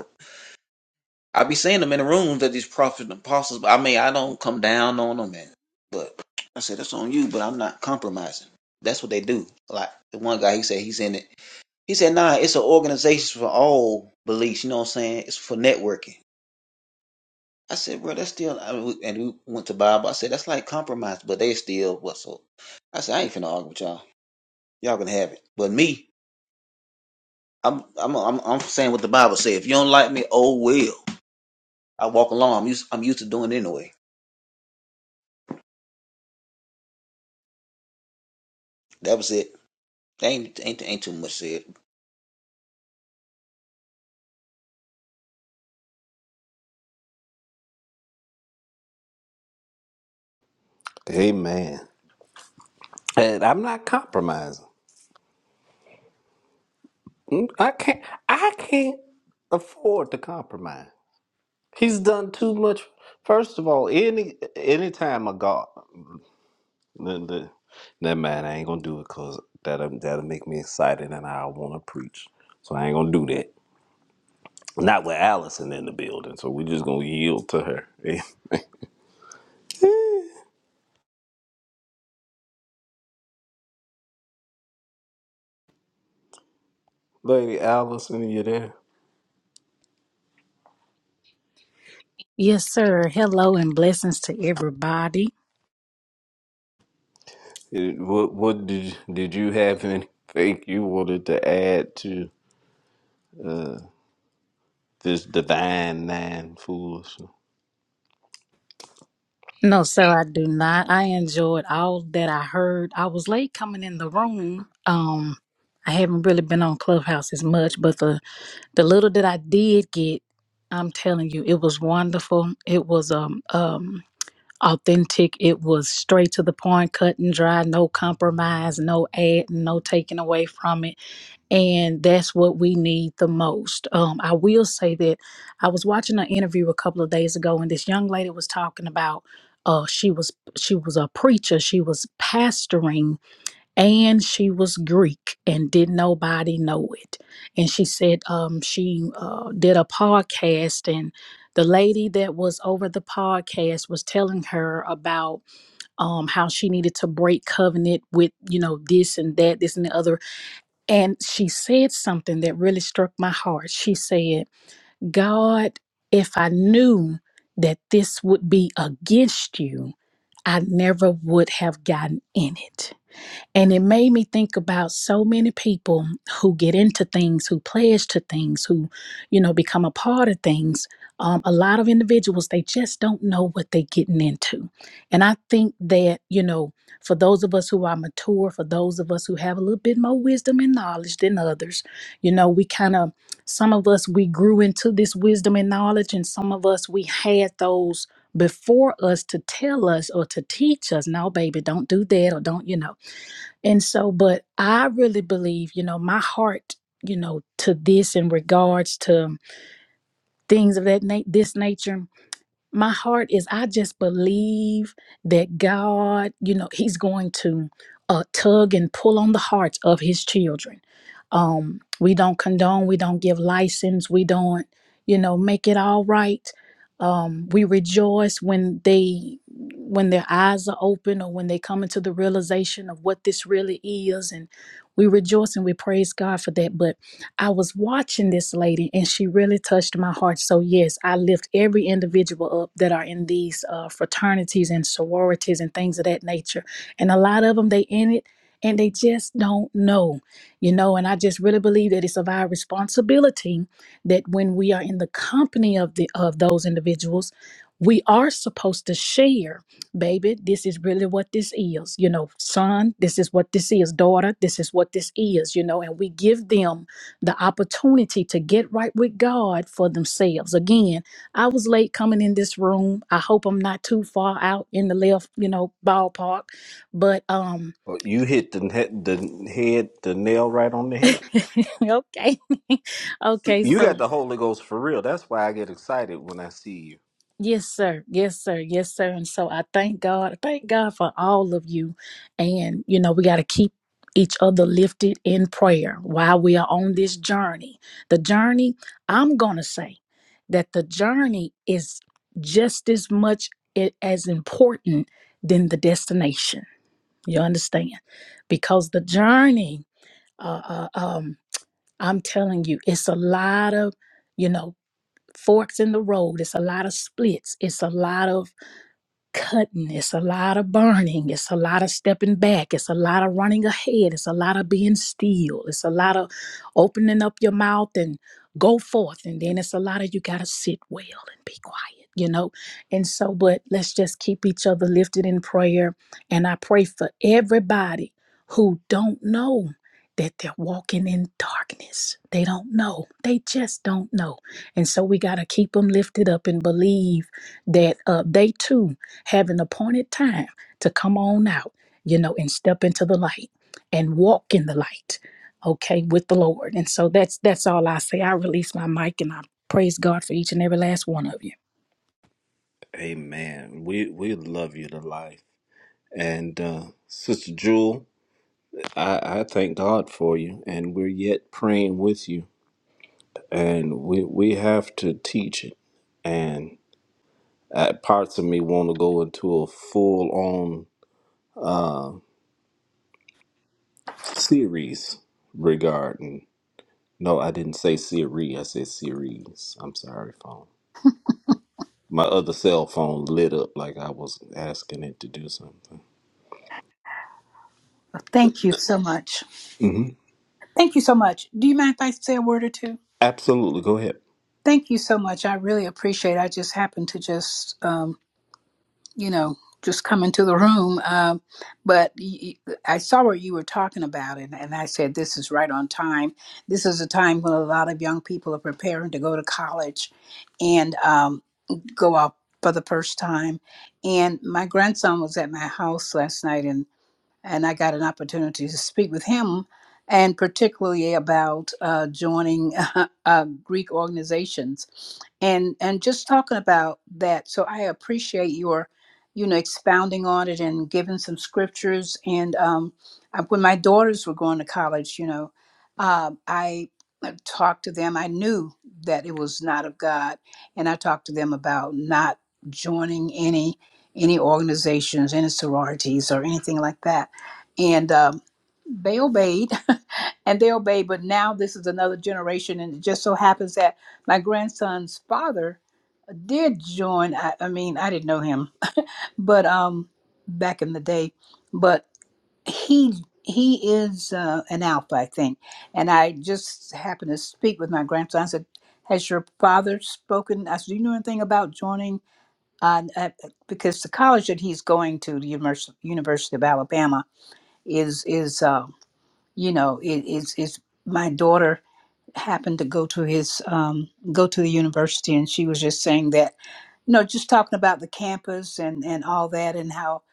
S5: I be seeing them in the rooms that these prophets and apostles. I mean, I don't come down on them, man. But I said that's on you. But I'm not compromising. That's what they do. Like the one guy, he said he's in it. He said, "Nah, it's an organization for all beliefs." You know what I'm saying? It's for networking. I said, bro, that's still, I, we- and we went to Bible. I said, that's like compromise, but they still what so. I said, I ain't finna argue with y'all. Y'all can have it, but me, I'm, I'm, I'm, I'm saying what the Bible said. If you don't like me, oh well. I walk along. I'm used, I'm used to doing it anyway. That was it. Ain't, ain't, ain't too much said.
S1: Amen. And I'm not compromising. Mm, I can't I can't afford to compromise. He's done too much. First of all, any any time a God the- the- Never mind, I ain't gonna do it because that'll, that'll make me excited and I want to preach. So I ain't gonna do that. Not with Allison in the building, so we're just gonna yield to her. [LAUGHS] Lady Allison, you there?
S6: Yes, sir. Hello and blessings to everybody.
S1: Eh, What what did did you have anything you wanted to add to uh, this divine nine fools?
S6: No, sir, I do not. I enjoyed all that I heard. I was late coming in the room. Um, I haven't really been on Clubhouse as much, but the the little that I did get, I'm telling you, it was wonderful. It was um um authentic. It was straight to the point, cut and dry, no compromise, no ad, no taking away from it and that's what we need the most. Um, I will say that I was watching an interview a couple of days ago, and this young lady was talking about uh, she was she was a preacher, she was pastoring, and she was Greek, and did nobody know it. And she said um, she uh, did a podcast, and the lady that was over the podcast was telling her about um, how she needed to break covenant with you know this and that, this and the other and she said something that really struck my heart. She said, God, if I knew that this would be against you, I never would have gotten in it. And it made me think about so many people who get into things, who pledge to things, who, you know, become a part of things. Um, a lot of individuals, they just don't know what they're getting into. And I think that, you know, for those of us who are mature, for those of us who have a little bit more wisdom and knowledge than others, you know, we kind of, some of us, we grew into this wisdom and knowledge, and some of us, we had those before us to tell us or to teach us, no, baby, don't do that, or don't, you know. And so, but I really believe, you know, my heart, you know, to this in regards to things of that na- this nature my heart is I just believe that God, you know, He's going to uh, tug and pull on the hearts of His children. Um, we don't condone, we don't give license, we don't, you know, make it all right. Um, we rejoice when they when their eyes are open or when they come into the realization of what this really is and we rejoice and we praise God for that. But I was watching this lady and she really touched my heart. So, yes, I lift every individual up that are in these uh, fraternities and sororities and things of that nature. And a lot of them, they in it and they just don't know, you know. And I just really believe that it's of our responsibility that when we are in the company of the of those individuals, we are supposed to share, baby, this is really what this is. You know, son, this is what this is. Daughter, this is what this is, you know, and we give them the opportunity to get right with God for themselves. Again, I was late coming in this room. I hope I'm not too far out in the left, you know, ballpark. But um
S1: Well, you hit the head, the head, the nail right on the
S6: [LAUGHS]
S1: head.
S6: okay. [LAUGHS] okay,
S1: You
S6: so
S1: got the Holy Ghost for real. That's why I get excited when I see you.
S6: Yes, sir. Yes, sir. Yes, sir. And so I thank God. I Thank God for all of you. And, you know, we got to keep each other lifted in prayer while we are on this journey. The journey, I'm going to say that the journey is just as much i- as important than the destination. You understand? Because the journey, uh, uh, um, I'm telling you, it's a lot of, you know, forks in the road. It's a lot of splits. It's a lot of cutting. It's a lot of burning. It's a lot of stepping back. It's a lot of running ahead. It's a lot of being still. It's a lot of opening up your mouth and go forth. And then it's a lot of you got to sit well and be quiet, you know? And so, but let's just keep each other lifted in prayer. And I pray for everybody who don't know that they're walking in darkness. They don't know. They just don't know. And so we got to keep them lifted up and believe that uh, they too have an appointed time to come on out, you know, and step into the light and walk in the light, okay, with the Lord. And so that's that's all I say. I release my mic and I praise God for each and every last one of you.
S1: Amen. We we love you to life. And uh, Sister Jewel, I, I thank God for you, and we're yet praying with you, and we we have to teach it. And uh, parts of me want to go into a full on series regarding. No, I didn't say series. I said series. I'm sorry, phone. My other cell phone lit up like I was asking it to do something.
S7: Well, Thank you so much.
S1: hmm
S7: Thank you so much. Do you mind if I say a word or two?
S1: Absolutely, go ahead.
S7: Thank you so much. I really appreciate. It. I just happened to just, um, you know, just come into the room, um, but y- y- I saw what you were talking about, and, and I said this is right on time. This is a time when a lot of young people are preparing to go to college, and um, go out for the first time. And my grandson was at my house last night, and I got an opportunity to speak with him, and particularly about uh, joining [LAUGHS] uh, Greek organizations, and and just talking about that. So I appreciate your, you know, expounding on it and giving some scriptures. And um, I, when my daughters were going to college, you know, uh, I uh, talked to them. I knew that it was not of God, and I talked to them about not joining any any organizations, any sororities, or anything like that and um, they obeyed [LAUGHS] and they obeyed but now this is another generation and it just so happens that my grandson's father did join i, I mean i didn't know him but um back in the day but he he is uh, an alpha i think and i just happened to speak with my grandson i said has your father spoken i said do you know anything about joining uh, uh, because the college that he's going to the Univers- university of alabama is is uh, you know it, it's it's my daughter happened to go to his um go to the university and she was just saying that you know, just talking about the campus and, and all that and how,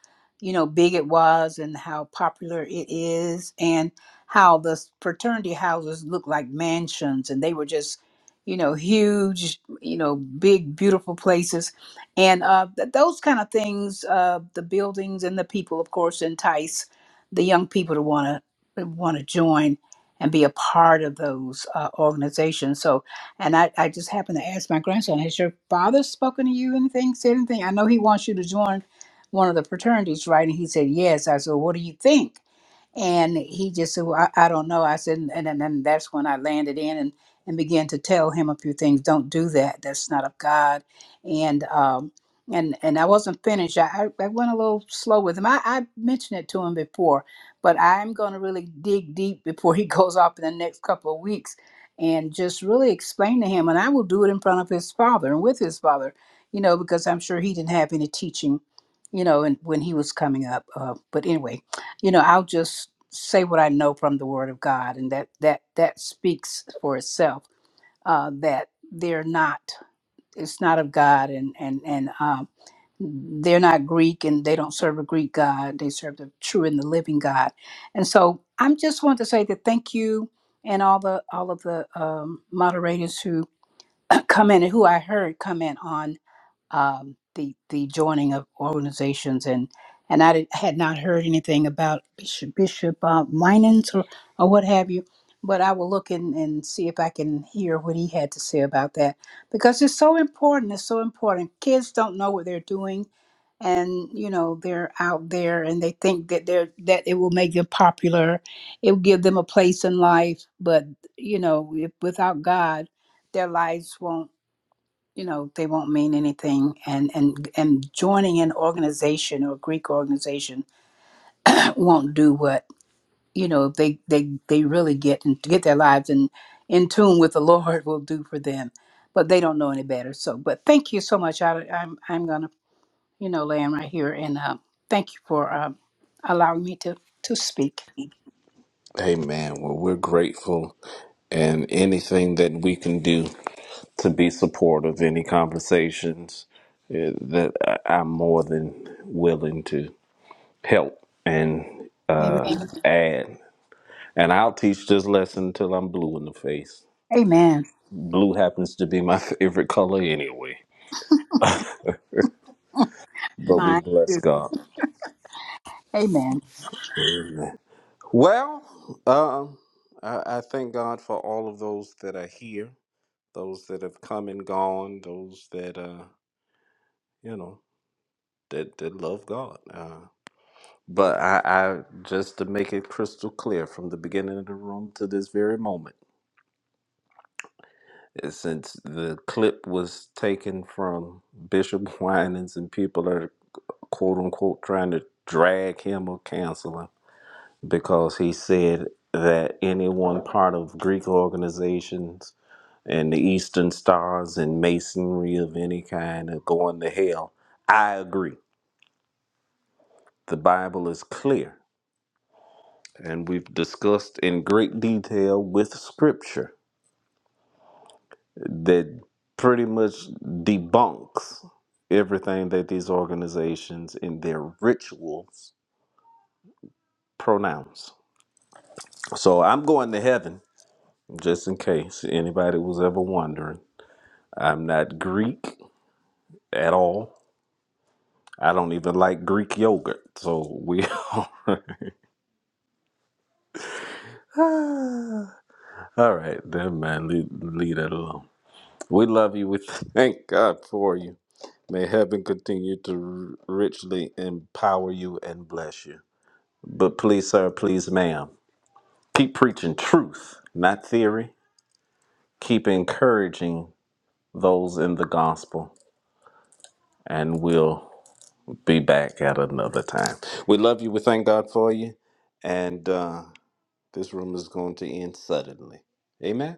S7: you know, big it was and how popular it is and how the fraternity houses look like mansions and they were just, you know, huge, you know, big, beautiful places. And uh, th- those kind of things, uh, the buildings and the people, of course, entice the young people to want to want to join and be a part of those uh, organizations. So and I, I just happened to ask my grandson, has your father spoken to you anything, said anything? I know he wants you to join one of the fraternities, right? And he said, yes. I said, well, what do you think? And he just said, well, I, I don't know. I said, and, and, and that's when I landed in and, and began to tell him a few things. Don't do that. That's not of God. And, um, and, and I wasn't finished. I, I I went a little slow with him. I, I mentioned it to him before, but I'm going to really dig deep before he [LAUGHS] goes off in the next couple of weeks and just really explain to him and i will do it in front of his father and with his father you know because i'm sure he didn't have any teaching you know and when he was coming up uh, but anyway you know i'll just say what i know from the word of god and that that that speaks for itself uh, that they're not it's not of God, and and and um, they're not Greek, and they don't serve a Greek God. They serve the true and the living God. And so I'm just want to say that thank you, and all the all of the um, moderators who [CLEARS THROAT] come in and who I heard come in on um, the the joining of organizations and and I did- had not heard anything about Bishop Bishop uh, Minans or, or what have you, but I will look and and see if I can hear what he had to say about that because it's so important. It's so important. Kids don't know what they're doing, and you know they're out there and they think that they're that it will make them popular, it will give them a place in life, but you know if, without God, their lives won't you know they won't mean anything and and and joining an organization or a greek organization [CLEARS THROAT] won't do what you know they they they really get and get their lives in in tune with the lord will do for them but they don't know any better so but thank you so much I, i'm i'm gonna you know land right here and uh, thank you for um, allowing me to to speak
S1: Hey man, well we're grateful, and anything that we can do. to be supportive. Any conversations eh, that I- I'm more than willing to help and
S7: amen
S1: uh, add. And I'll teach this lesson until I'm blue in the face.
S7: amen
S1: Blue happens to be my [LAUGHS] favorite color anyway. But we
S7: my
S1: bless God.
S7: amen
S1: Amen. Well, um, I, I thank God for all of those that are here, those that have come and gone, those that uh, you know that that love God. Uh, But I, I just to make it crystal clear from the beginning of the room to this very moment, eh, since the clip was taken from Bishop [LAUGHS] Winans and people are quote unquote trying to drag him or cancel him because he said that any one part of Greek organizations and the Eastern Stars and Masonry of any kind are going to hell. I agree. The Bible is clear and we've discussed in great detail with scripture that pretty much debunks everything that these organizations and their rituals pronounce. So I'm going to heaven, just in case anybody was ever wondering. I'm not Greek at all. I don't even like Greek yogurt. So we [LAUGHS] are. [SIGHS] all right, then, man, leave, leave that alone. We love you. We thank God for you. May heaven continue to r- richly empower you and bless you. But please, sir, please, ma'am, keep preaching truth, not theory. Keep encouraging those in the gospel, and we'll be back at another time. We love you. We thank God for you. And uh, this room is going to end suddenly. Amen.